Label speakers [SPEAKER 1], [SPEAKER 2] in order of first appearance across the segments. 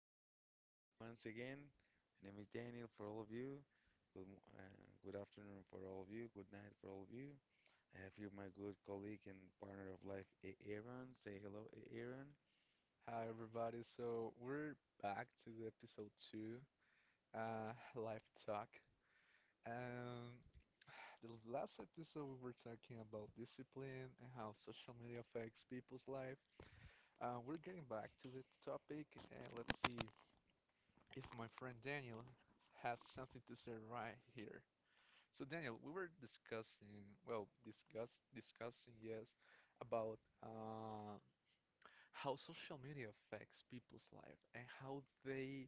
[SPEAKER 1] everybody. We're here once again. My name is Daniel for all of you. Good afternoon for all of you. Good night for all of you. I have here my good colleague and partner of life, Aaron. Say hello, Aaron.
[SPEAKER 2] Hi everybody, so we're back to the episode two, life talk. And the last episode we were talking about discipline and how social media affects people's life. We're getting back to the topic, and let's see if my friend Daniel has something to say right here. So Daniel, we were discussing, well, discussing, yes, about uh, how social media affects people's life and how they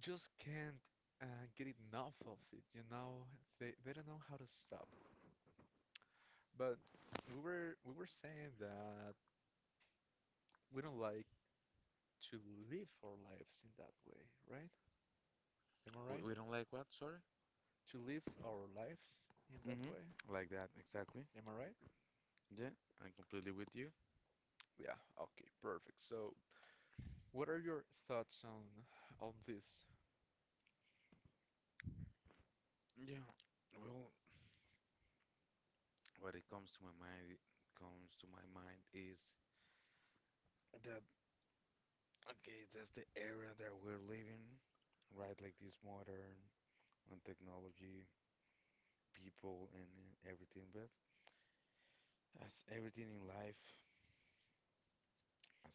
[SPEAKER 2] just can't get enough of it. You know, they don't know how to stop. But we were saying that we don't like to live our lives in that way, right? Am I right?
[SPEAKER 1] We don't like what? Sorry?
[SPEAKER 2] To live our lives in that way?
[SPEAKER 1] Mm-hmm. Like that, exactly.
[SPEAKER 2] Am I right?
[SPEAKER 1] Yeah, I'm completely with you.
[SPEAKER 2] Yeah. Okay. Perfect. So, what are your thoughts on this?
[SPEAKER 1] Yeah. Well, what it comes to my mind, it comes to my mind is. Okay, that's the era that we're living, right? Like this modern and technology, people, and everything. But as everything in life,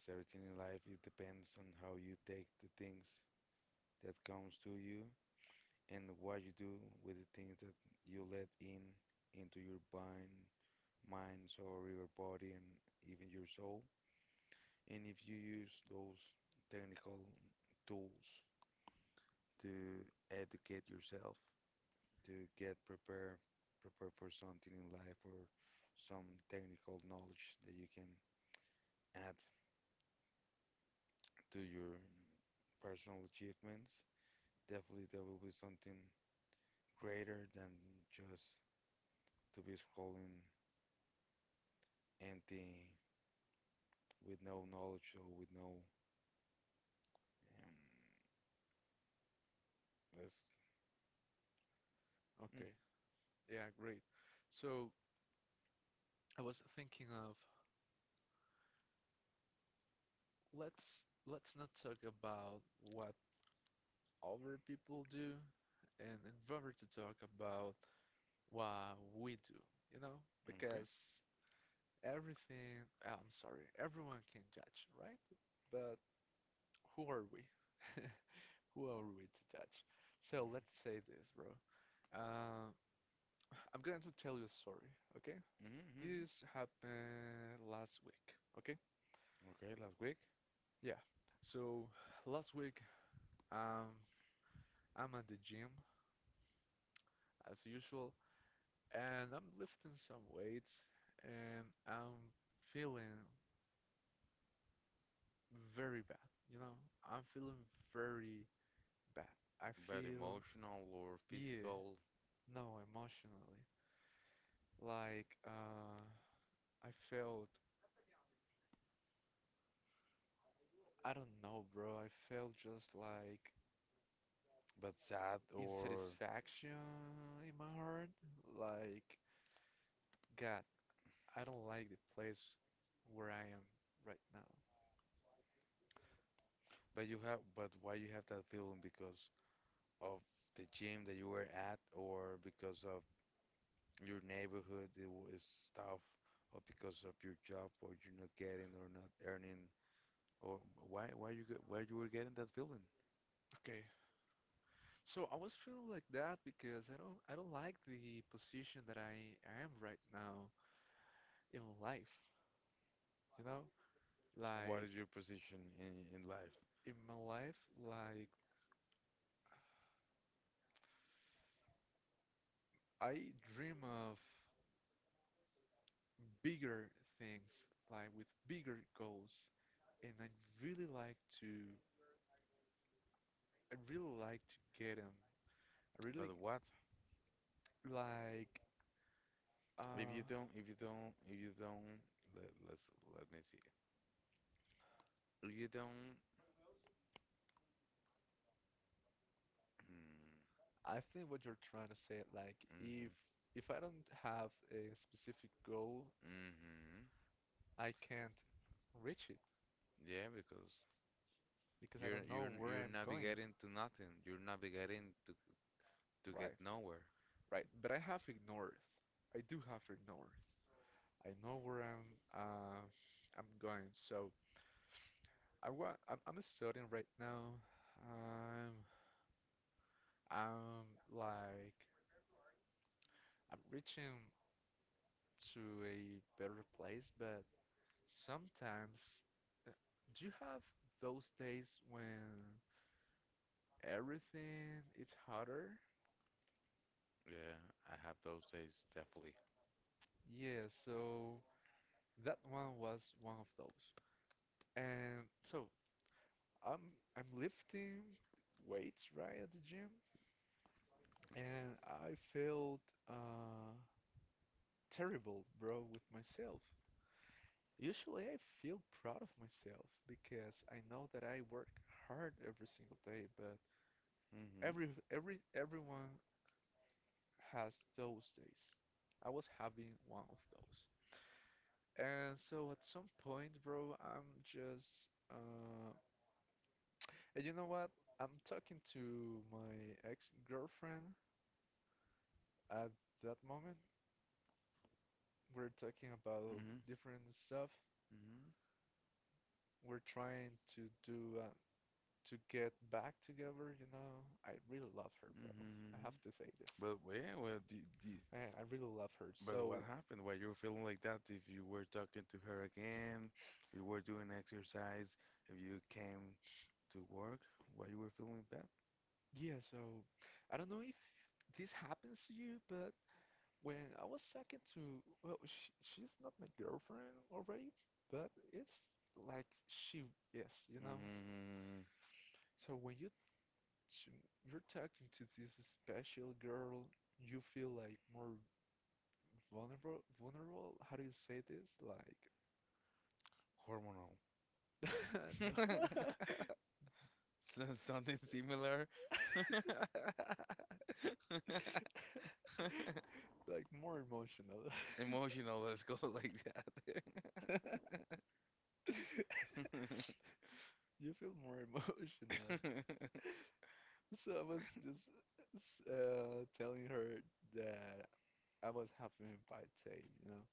[SPEAKER 1] as everything in life, it depends on how you take the things that comes to you and what you do with the things that you let in into your mind, or your body, and even your soul. And if you use those technical tools to educate yourself to get prepare for something in life or some technical knowledge that you can add to your personal achievements. Definitely there will be something greater than just to be scrolling empty with no knowledge or with no um let's
[SPEAKER 2] Okay.
[SPEAKER 1] mm,
[SPEAKER 2] Yeah. Great. So, I was thinking of let's not talk about what other people do and rather to talk about what we do, you know? Because
[SPEAKER 1] okay.
[SPEAKER 2] everything, everyone can judge, right? But who are we? Who are we to judge? So let's say
[SPEAKER 1] Mm-hmm.
[SPEAKER 2] this, bro. Uh, I'm going to tell you a story, okay?
[SPEAKER 1] Mm-hmm. Mm-hmm.
[SPEAKER 2] This happened last week, okay?
[SPEAKER 1] Okay, last week.
[SPEAKER 2] Yeah. So last week, um, I'm at the gym as usual, and I'm lifting some weights and I'm feeling very bad, you know? I'm feeling very bad. I
[SPEAKER 1] But
[SPEAKER 2] feel,
[SPEAKER 1] emotional or
[SPEAKER 2] yeah,
[SPEAKER 1] physical?
[SPEAKER 2] no, emotionally. Like, I felt, I don't know, bro, I felt just like
[SPEAKER 1] But sad or
[SPEAKER 2] insatisfaction in my heart. Like, God, I don't like the place where I am right now.
[SPEAKER 1] but you have but why you have that feeling? Because of the gym that you were at, or because of your neighborhood is tough, or because of your job, or you're not getting or not earning, or why you were getting that feeling?
[SPEAKER 2] Okay, so I was feeling like that because I don't like the position that I am right now in life, you know? Like
[SPEAKER 1] What is your position in life?
[SPEAKER 2] in my life, like I dream of bigger things, like with bigger goals, and really like to I really like to get them. I really
[SPEAKER 1] But what
[SPEAKER 2] like uh
[SPEAKER 1] if you don't let's let me see if you don't.
[SPEAKER 2] I think what you're trying to say, like
[SPEAKER 1] Mm-hmm.
[SPEAKER 2] if I don't have a specific goal,
[SPEAKER 1] Mm-hmm.
[SPEAKER 2] I can't reach it.
[SPEAKER 1] Yeah, because
[SPEAKER 2] Because I
[SPEAKER 1] you're
[SPEAKER 2] don't know
[SPEAKER 1] you're
[SPEAKER 2] where I'm
[SPEAKER 1] you're
[SPEAKER 2] going.
[SPEAKER 1] navigating to nothing. You're navigating to
[SPEAKER 2] Right,
[SPEAKER 1] get nowhere.
[SPEAKER 2] right. But I have it north. I do have it north. I know where uh, I'm going. So I'm studying right now. Um, I'm like I'm reaching to a better place, but sometimes uh, do you have those days when everything is harder?
[SPEAKER 1] Yeah, I have those days definitely.
[SPEAKER 2] Yeah, so that one was one of those. And so I'm lifting weights right at the gym, and I felt uh, terrible, bro, with myself. Usually I feel proud of myself because I know that I work hard every single day, but
[SPEAKER 1] Mm-hmm.
[SPEAKER 2] every everyone has those days. I was having one of those. And so at some point, bro, I'm just and you know what? I'm talking to my ex-girlfriend at that moment we're talking about
[SPEAKER 1] Mm-hmm.
[SPEAKER 2] different stuff.
[SPEAKER 1] Mm-hmm.
[SPEAKER 2] We're trying to do to get back together, you know. I really love her, bro. I have
[SPEAKER 1] Mm-hmm.
[SPEAKER 2] to say this.
[SPEAKER 1] But
[SPEAKER 2] I really love her.
[SPEAKER 1] but
[SPEAKER 2] So,
[SPEAKER 1] what happened? Why you were feeling like that? If you were talking to her again, you were doing exercise, if you came to work, why you were feeling bad?
[SPEAKER 2] yeah, so I don't know if this happens to you, but when I was talking to, well, sh she's not my girlfriend already, but it's like she is, you know?
[SPEAKER 1] Mm,
[SPEAKER 2] So when you you're talking to this special girl, you feel like more vulnerable, vulnerable? How do you say this? Like,
[SPEAKER 1] hormonal.
[SPEAKER 2] no.
[SPEAKER 1] So something similar.
[SPEAKER 2] Like more emotional.
[SPEAKER 1] Emotional, let's go like that. Hmm.
[SPEAKER 2] You feel more emotional. So I was just telling her that I was having a bad day, you know.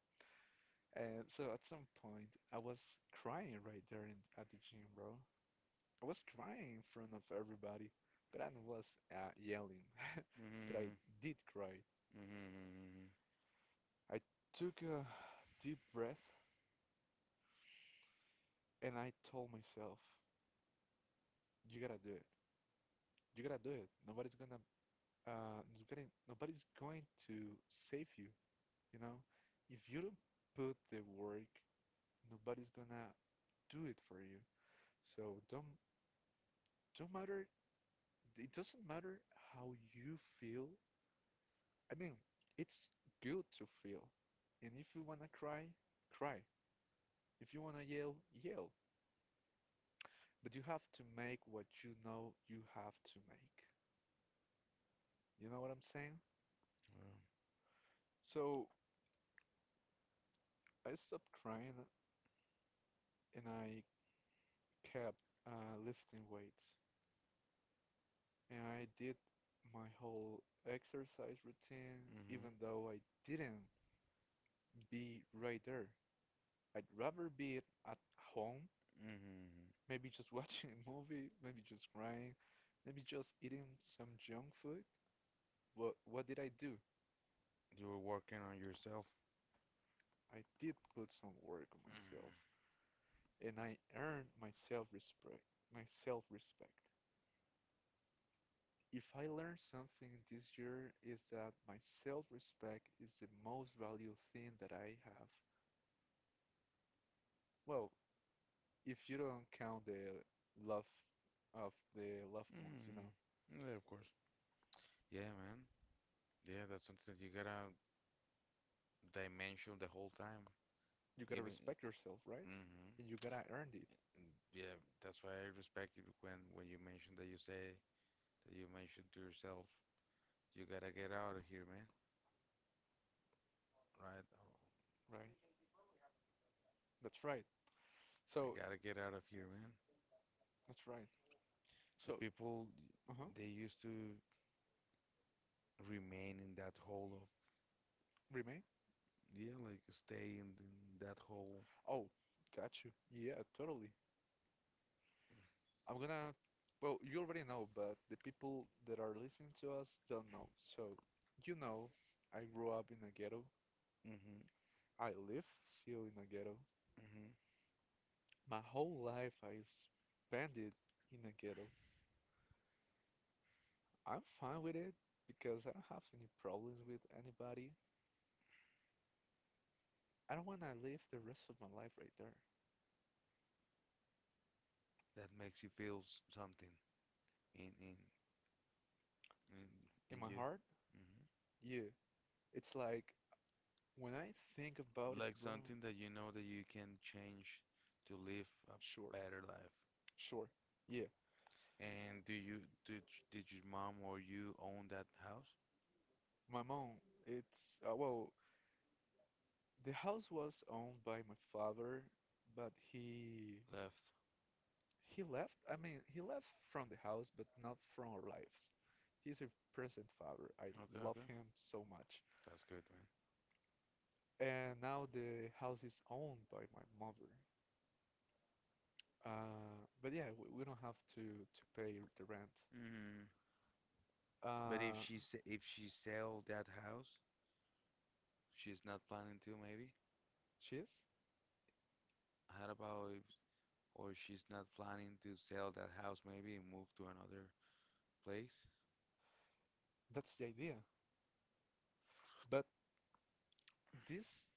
[SPEAKER 2] And so at some point, I was crying right there at the gym, bro. I was crying in front of everybody, but I was yelling. But I did cry.
[SPEAKER 1] Hmm.
[SPEAKER 2] I took a deep breath and I told myself, "You gotta do it. You gotta do it. Nobody's going to save you. You know, if you don't put the work, nobody's gonna do it for you. So don't matter. It doesn't matter how you feel I mean, it's good to feel. And if you wanna cry, cry. If you wanna yell, yell. But you have to make what you know you have to make. You know what I'm saying?
[SPEAKER 1] Well,
[SPEAKER 2] So I stopped crying and I kept lifting weights. And I did my whole exercise routine,
[SPEAKER 1] hmm.
[SPEAKER 2] even though I didn't be right there. I'd rather be at home
[SPEAKER 1] Hmm.
[SPEAKER 2] maybe just watching a movie, maybe just crying, maybe just eating some junk food. But what did I do?
[SPEAKER 1] You were working on yourself.
[SPEAKER 2] I did put some work on
[SPEAKER 1] Hmm.
[SPEAKER 2] myself and I earned my self-respect. If I learned something this year is that my self-respect is the most valuable thing that I have. Well, if you don't count the love of the loved ones, you know,
[SPEAKER 1] Hmm. Yeah, of course. Yeah, man. Yeah, that's something you gotta dimension the whole time.
[SPEAKER 2] you gotta
[SPEAKER 1] Even.
[SPEAKER 2] respect yourself, right?
[SPEAKER 1] Hmm.
[SPEAKER 2] And you gotta earn it,
[SPEAKER 1] Yeah, that's why I respect you when you mention that you say that you mentioned to yourself, you gotta get out of here, man. Right? Oh,
[SPEAKER 2] right? That's right.
[SPEAKER 1] I
[SPEAKER 2] So
[SPEAKER 1] gotta get out of here, man.
[SPEAKER 2] that's right. So
[SPEAKER 1] The people
[SPEAKER 2] uh-huh.
[SPEAKER 1] they used to remain in that hole of
[SPEAKER 2] Remain?
[SPEAKER 1] yeah, like stay in that hole.
[SPEAKER 2] Oh, got you. Yeah, totally. I'm gonna well, you already know, but the people that are listening to us don't know. So you know, I grew up in a ghetto.
[SPEAKER 1] Mm-hmm.
[SPEAKER 2] I live still in a ghetto.
[SPEAKER 1] Mm-hmm.
[SPEAKER 2] My whole life I spent it in a ghetto. I'm fine with it because I don't have any problems with anybody. I don't want to live the rest of my life right there.
[SPEAKER 1] That makes you feel something in in in
[SPEAKER 2] In
[SPEAKER 1] in
[SPEAKER 2] my
[SPEAKER 1] you,
[SPEAKER 2] heart,
[SPEAKER 1] hmm,
[SPEAKER 2] yeah, it's like when I think about it,
[SPEAKER 1] like
[SPEAKER 2] bro,
[SPEAKER 1] something that you know that you can change to live a
[SPEAKER 2] sure,
[SPEAKER 1] better life.
[SPEAKER 2] sure. Yeah,
[SPEAKER 1] And do you did your mom or you own that house?
[SPEAKER 2] my mom, it's well, the house was owned by my father, but
[SPEAKER 1] Left.
[SPEAKER 2] he left. I mean, he left from the house, but not from our lives. He's a present father. I
[SPEAKER 1] Okay,
[SPEAKER 2] love
[SPEAKER 1] okay,
[SPEAKER 2] him so much.
[SPEAKER 1] that's good, man.
[SPEAKER 2] And now the house is owned by my mother. But yeah, we don't have to pay the rent.
[SPEAKER 1] Hmm. But
[SPEAKER 2] Uh,
[SPEAKER 1] if she sell that house, she's not planning to maybe?
[SPEAKER 2] she is?
[SPEAKER 1] How about if, or she's not planning to sell that house maybe and move to another place?
[SPEAKER 2] That's the idea. But this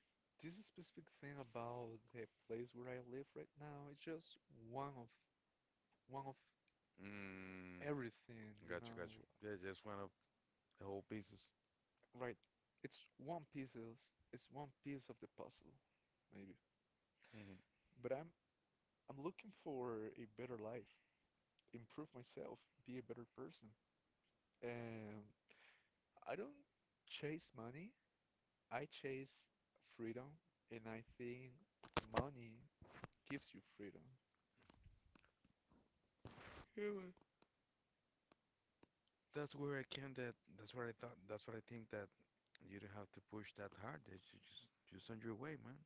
[SPEAKER 2] this specific thing about the place where I live right now is just one of one of
[SPEAKER 1] Mm,
[SPEAKER 2] everything, you
[SPEAKER 1] got you, got
[SPEAKER 2] know,
[SPEAKER 1] you. Yeah, just one of the whole pieces.
[SPEAKER 2] right. It's one piece of, it's one piece of the puzzle, maybe.
[SPEAKER 1] Hmm.
[SPEAKER 2] But I'm looking for a better life, improve myself, be a better person. And I don't chase money, I chase freedom, and I think money gives you freedom.
[SPEAKER 1] Yeah, well, that's what I think that you don't have to push that hard. That you just on your way, man.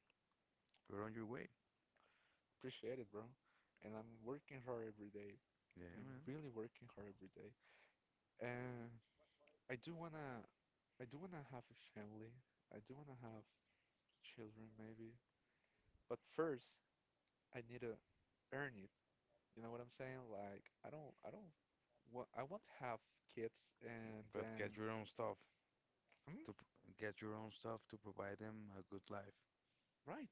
[SPEAKER 1] Go on your way.
[SPEAKER 2] Appreciate it, bro. And I'm working hard every day.
[SPEAKER 1] Yeah,
[SPEAKER 2] I'm
[SPEAKER 1] man.
[SPEAKER 2] really working hard every day. And I do wanna, I do wanna have a family. I do wanna have children, maybe. But first, I need to earn it. You know what I'm saying? Like, I don't, wa- I want to have kids and
[SPEAKER 1] But get
[SPEAKER 2] then.
[SPEAKER 1] your own stuff
[SPEAKER 2] Mm,
[SPEAKER 1] get your own stuff to provide them a good life.
[SPEAKER 2] right,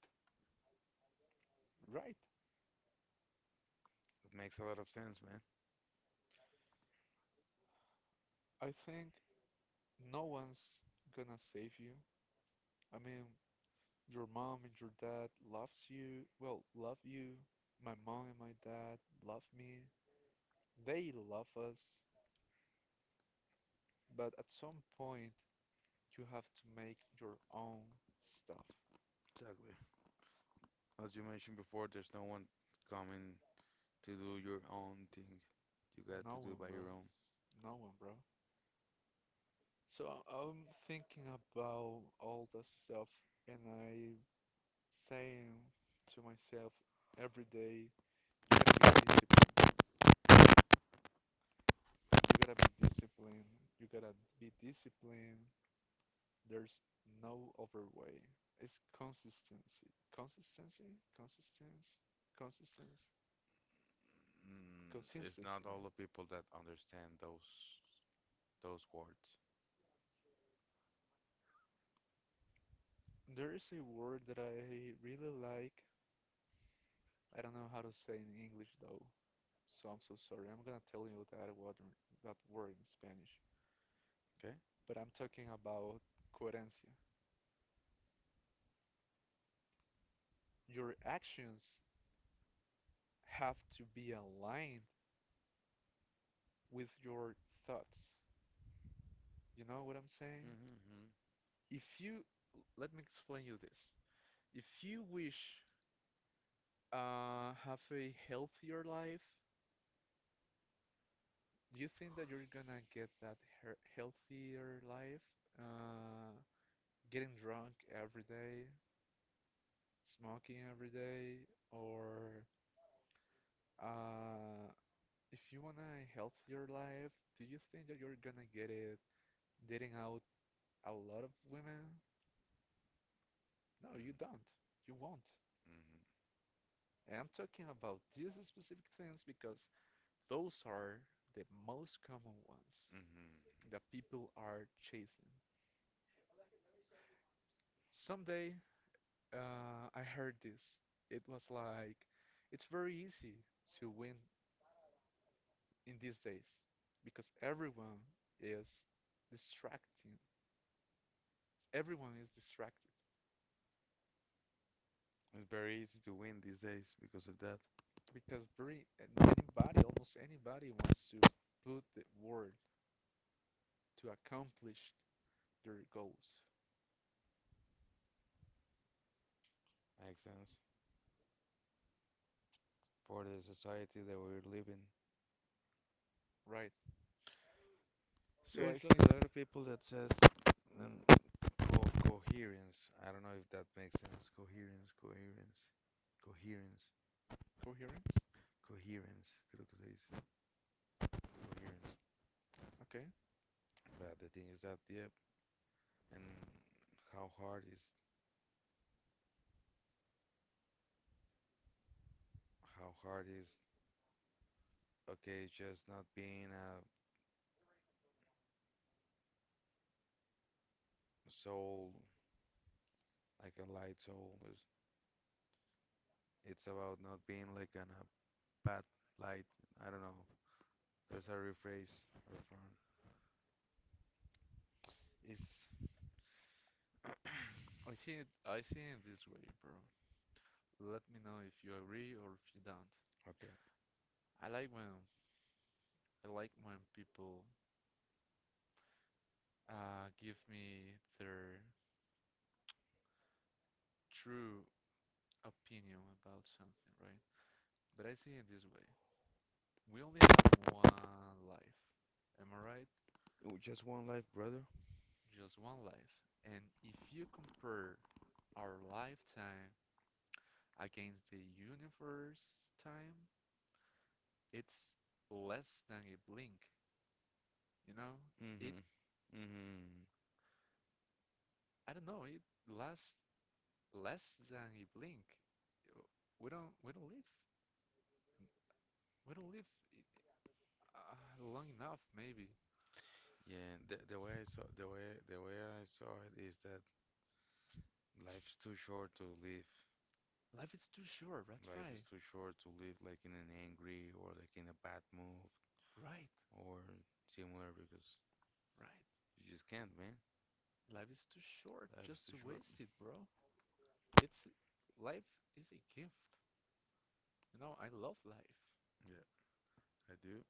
[SPEAKER 2] right.
[SPEAKER 1] It makes a lot of sense, man.
[SPEAKER 2] I think no one's gonna save you. I mean, your mom and your dad loves you. Well, love you. My mom and my dad love me. They love us. But at some point, you have to make your own stuff.
[SPEAKER 1] Exactly. As you mentioned before, there's no one coming to do your own thing. You got to
[SPEAKER 2] No
[SPEAKER 1] do
[SPEAKER 2] one,
[SPEAKER 1] by
[SPEAKER 2] bro.
[SPEAKER 1] your own.
[SPEAKER 2] No one, bro. So I- am thinking about all the stuff, and I saying to myself every day, you gotta be disciplined. You gotta be disciplined. You gotta be disciplined. There's no other way. It's consistency. Consistency? Consistence? Consistence?
[SPEAKER 1] Mm, it's not
[SPEAKER 2] Consistency.
[SPEAKER 1] all the people that understand those words.
[SPEAKER 2] There is a word that I really like. I don't know how to say it in English though, so I'm so sorry. I'm gonna tell you that word in Spanish.
[SPEAKER 1] Okay?
[SPEAKER 2] But I'm talking about coherencia. Your actions have to be aligned with your thoughts. You know what I'm saying?
[SPEAKER 1] Mm-hmm.
[SPEAKER 2] If you, let me explain you this. If you wish have a healthier life, do you think that you're gonna get that her healthier life? Uh, Getting drunk every day, smoking every day, or uh, if you want a healthier life, do you think that you're gonna get it dating out a lot of women? No,
[SPEAKER 1] Mm,
[SPEAKER 2] you don't. You won't.
[SPEAKER 1] mm-hmm,
[SPEAKER 2] And I'm talking about these specific things because those are the most common ones
[SPEAKER 1] mm-hmm.
[SPEAKER 2] that people are chasing. Someday, I heard this. It was like, it's very easy to win in these days because everyone is distracting. Everyone is distracted
[SPEAKER 1] It's very easy to win these days because of that.
[SPEAKER 2] because very and anybody, almost anybody, wants to put the word to accomplish their goals,
[SPEAKER 1] Makes sense for the society that we're living.
[SPEAKER 2] right? So I
[SPEAKER 1] There's like
[SPEAKER 2] think
[SPEAKER 1] a lot of people that says um, co coherence. I don't know if that makes sense. Coherence.
[SPEAKER 2] coherence.
[SPEAKER 1] Coherence, creo que se dice. Coherence.
[SPEAKER 2] Okay.
[SPEAKER 1] But the thing is that, yep, and how hard is how hard is okay, it's just not being a soul, like a light soul. It's about not being like a bad light. I don't know. There's a rephrase her from. It's
[SPEAKER 2] I see it this way, bro. Let me know if you agree or if you don't.
[SPEAKER 1] okay.
[SPEAKER 2] I like when I like when people give me their true opinion about something, right? But I see it this way. We only have one life. Am I right?
[SPEAKER 1] Oh, just one life, brother.
[SPEAKER 2] Just one life. And if you compare our lifetime against the universe time, it's less than a blink, you know? It
[SPEAKER 1] Mm-hmm. Mm-hmm.
[SPEAKER 2] I don't know, it lasts less than a blink. Uh, We don't we don't live we don't live long enough maybe.
[SPEAKER 1] Yeah, the way I saw it is that life's too short to live.
[SPEAKER 2] Life is too short. That's
[SPEAKER 1] Life
[SPEAKER 2] right.
[SPEAKER 1] is too short to live like in an angry or like in a bad mood
[SPEAKER 2] Right.
[SPEAKER 1] or similar because
[SPEAKER 2] Right.
[SPEAKER 1] you just can't, man.
[SPEAKER 2] Life is too short
[SPEAKER 1] Life is
[SPEAKER 2] just
[SPEAKER 1] too
[SPEAKER 2] to
[SPEAKER 1] short.
[SPEAKER 2] waste it, bro. It's life is a gift. You know, I love life.
[SPEAKER 1] Yeah, I do.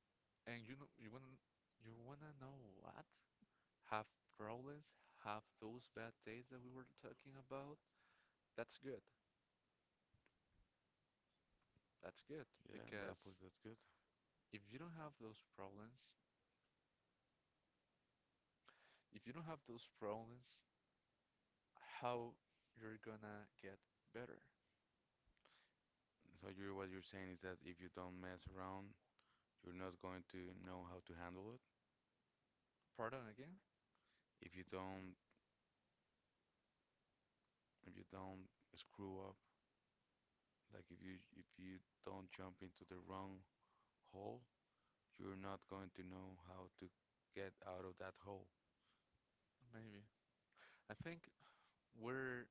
[SPEAKER 2] And you know you wanna know what? Have problems, have those bad days that we were talking about. That's good. That's good
[SPEAKER 1] Yeah, and the apple
[SPEAKER 2] because
[SPEAKER 1] that's good.
[SPEAKER 2] if you don't have those problems, if you don't have those problems, how you're gonna get better.
[SPEAKER 1] So you're what you're saying is that if you don't mess around, you're not going to know how to handle it.
[SPEAKER 2] Pardon again?
[SPEAKER 1] If you don't, if you don't screw up, like if you don't jump into the wrong hole, you're not going to know how to get out of that hole.
[SPEAKER 2] Maybe. I think we're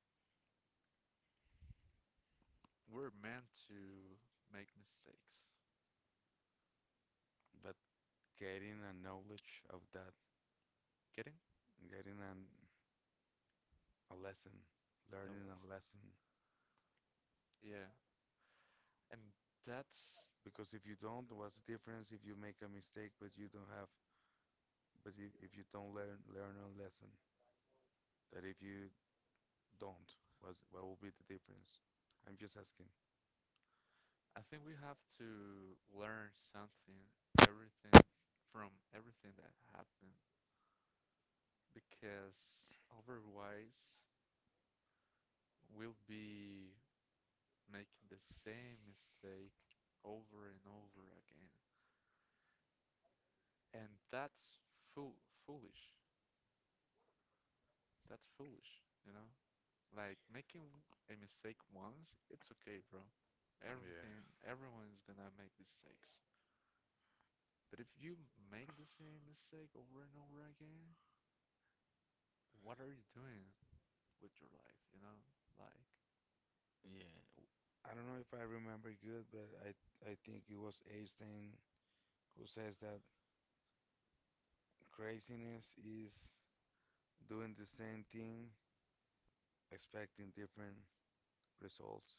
[SPEAKER 2] we're meant to make mistakes.
[SPEAKER 1] But getting a knowledge of that.
[SPEAKER 2] Getting?
[SPEAKER 1] Getting an, a lesson,
[SPEAKER 2] Hell
[SPEAKER 1] learning a
[SPEAKER 2] yes.
[SPEAKER 1] lesson.
[SPEAKER 2] Yeah. And that's
[SPEAKER 1] Because if you don't, what's the difference if you make a mistake but you don't have, but if you don't learn a lesson, that if you don't, what will be the difference? I'm just asking.
[SPEAKER 2] I think we have to learn something, everything from everything that happened because otherwise we'll be making the same mistake over and over again. And that's fool foolish. That's foolish, you know? Like making a mistake once, it's okay, bro.
[SPEAKER 1] Yeah.
[SPEAKER 2] Everything, everyone is gonna make mistakes. But if you make the same mistake over and over again, what are you doing with your life, you know? Like,
[SPEAKER 1] Yeah. I don't know if I remember good, but I think it was Einstein who says that craziness is doing the same thing, expecting different results.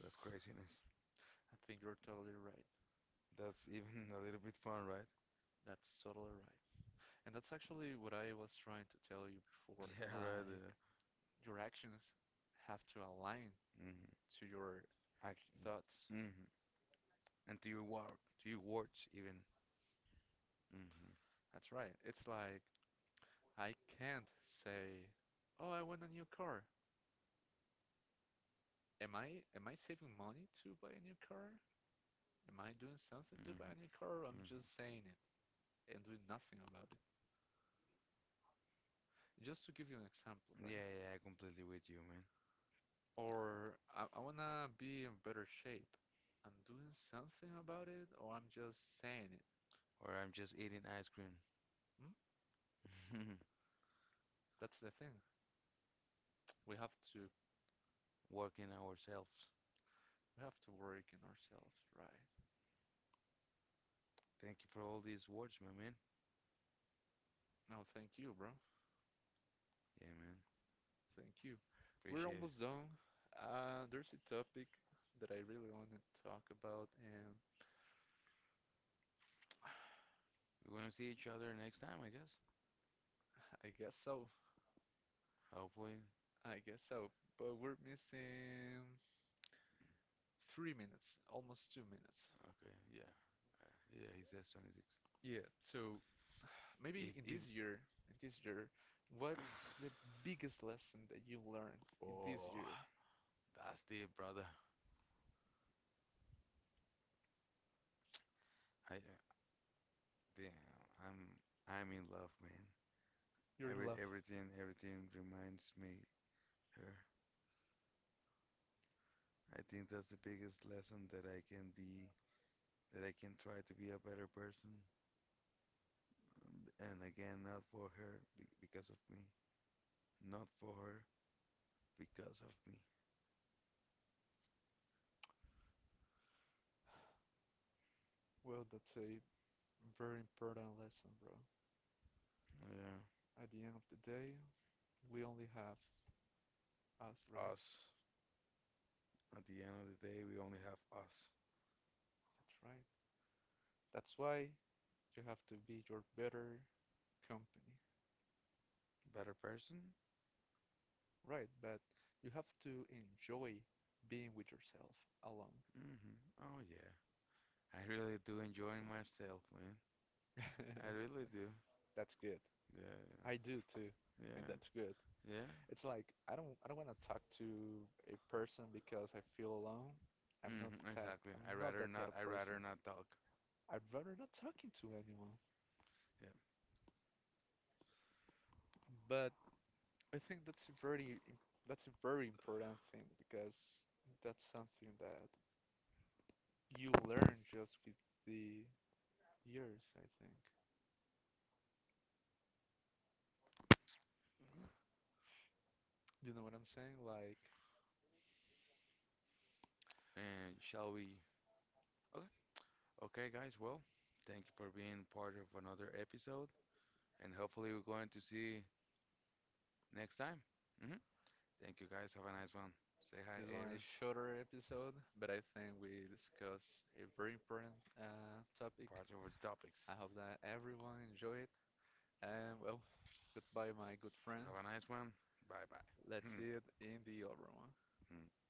[SPEAKER 1] That's craziness.
[SPEAKER 2] I think you're totally right.
[SPEAKER 1] That's even a little bit fun, right?
[SPEAKER 2] That's totally right. And that's actually what I was trying to tell you before.
[SPEAKER 1] Yeah, right.
[SPEAKER 2] Like, your actions have to align
[SPEAKER 1] Mm-hmm.
[SPEAKER 2] to your
[SPEAKER 1] Action.
[SPEAKER 2] thoughts.
[SPEAKER 1] Mm-hmm. And to your work, to your words even. Mm-hmm.
[SPEAKER 2] That's right. It's like I can't say, "Oh, I want a new car." Am I saving money to buy a new car? Am I doing something to buy a new car? Or
[SPEAKER 1] Mm-hmm.
[SPEAKER 2] I'm
[SPEAKER 1] Mm-hmm.
[SPEAKER 2] just saying it and doing nothing about it. Just to give you an example,
[SPEAKER 1] Yeah,
[SPEAKER 2] right?
[SPEAKER 1] yeah, I completely with you, man.
[SPEAKER 2] Or I wanna be in better shape. I'm doing something about it, or I'm just saying it.
[SPEAKER 1] Or I'm just eating ice cream,
[SPEAKER 2] Hmm? That's the thing. We have to
[SPEAKER 1] working ourselves.
[SPEAKER 2] we have to work in ourselves, right?
[SPEAKER 1] Thank you for all these words, my man.
[SPEAKER 2] No, thank you, bro.
[SPEAKER 1] Yeah, man.
[SPEAKER 2] Thank you. We're
[SPEAKER 1] Appreciate it.
[SPEAKER 2] almost done. There's a topic that I really want to talk about, and
[SPEAKER 1] We're gonna see each other next time, I guess.
[SPEAKER 2] I guess so.
[SPEAKER 1] Hopefully.
[SPEAKER 2] I guess so. But we're missing 3 minutes, almost 2 minutes.
[SPEAKER 1] Okay. Yeah. Uh, yeah, he says 26.
[SPEAKER 2] Yeah, so
[SPEAKER 1] If
[SPEAKER 2] maybe
[SPEAKER 1] if.
[SPEAKER 2] in this year, what's the biggest lesson that you learned in this
[SPEAKER 1] Oh,
[SPEAKER 2] year?
[SPEAKER 1] that's deep, brother. I Damn, I'm I'm in love, man.
[SPEAKER 2] You're in love.
[SPEAKER 1] Everything reminds me her. I think that's the biggest lesson that I can try to be a better person. Um, And again, not for her because of me, not for her because of me.
[SPEAKER 2] Well, that's a very important lesson, bro.
[SPEAKER 1] Yeah,
[SPEAKER 2] At the end of the day, we only have us, right?
[SPEAKER 1] us. At the end of the day, we only have us.
[SPEAKER 2] That's right. That's why you have to be your better company,
[SPEAKER 1] Better person?
[SPEAKER 2] right? But you have to enjoy being with yourself alone.
[SPEAKER 1] Mm-hmm. Oh yeah. I really do enjoy myself, man. I really do.
[SPEAKER 2] That's good.
[SPEAKER 1] Yeah,
[SPEAKER 2] I do too,
[SPEAKER 1] yeah,
[SPEAKER 2] and that's good.
[SPEAKER 1] yeah. Yeah.
[SPEAKER 2] It's like I don't want to talk to a person because I feel alone.
[SPEAKER 1] Hmm, exactly.
[SPEAKER 2] I'm
[SPEAKER 1] I
[SPEAKER 2] not
[SPEAKER 1] rather
[SPEAKER 2] that
[SPEAKER 1] not.
[SPEAKER 2] type
[SPEAKER 1] I
[SPEAKER 2] of
[SPEAKER 1] rather
[SPEAKER 2] person.
[SPEAKER 1] not talk.
[SPEAKER 2] I'd rather not talking to anyone.
[SPEAKER 1] Yeah.
[SPEAKER 2] But I think that's a very that's a very important thing because that's something that you learn just with the years, I think. You know what I'm saying? Like
[SPEAKER 1] And shall we? Okay. Okay, guys. Well, thank you for being part of another episode, and hopefully we're going to see next time. Hmm. Thank you, guys. Have a nice one. Say hi,
[SPEAKER 2] this one
[SPEAKER 1] Aaron.
[SPEAKER 2] is shorter episode, but I think we discuss a very important topic.
[SPEAKER 1] Part of the topics.
[SPEAKER 2] I hope that everyone enjoy it. And well, goodbye, my good friend.
[SPEAKER 1] Have a nice one. Bye bye.
[SPEAKER 2] Let's see it in the other one.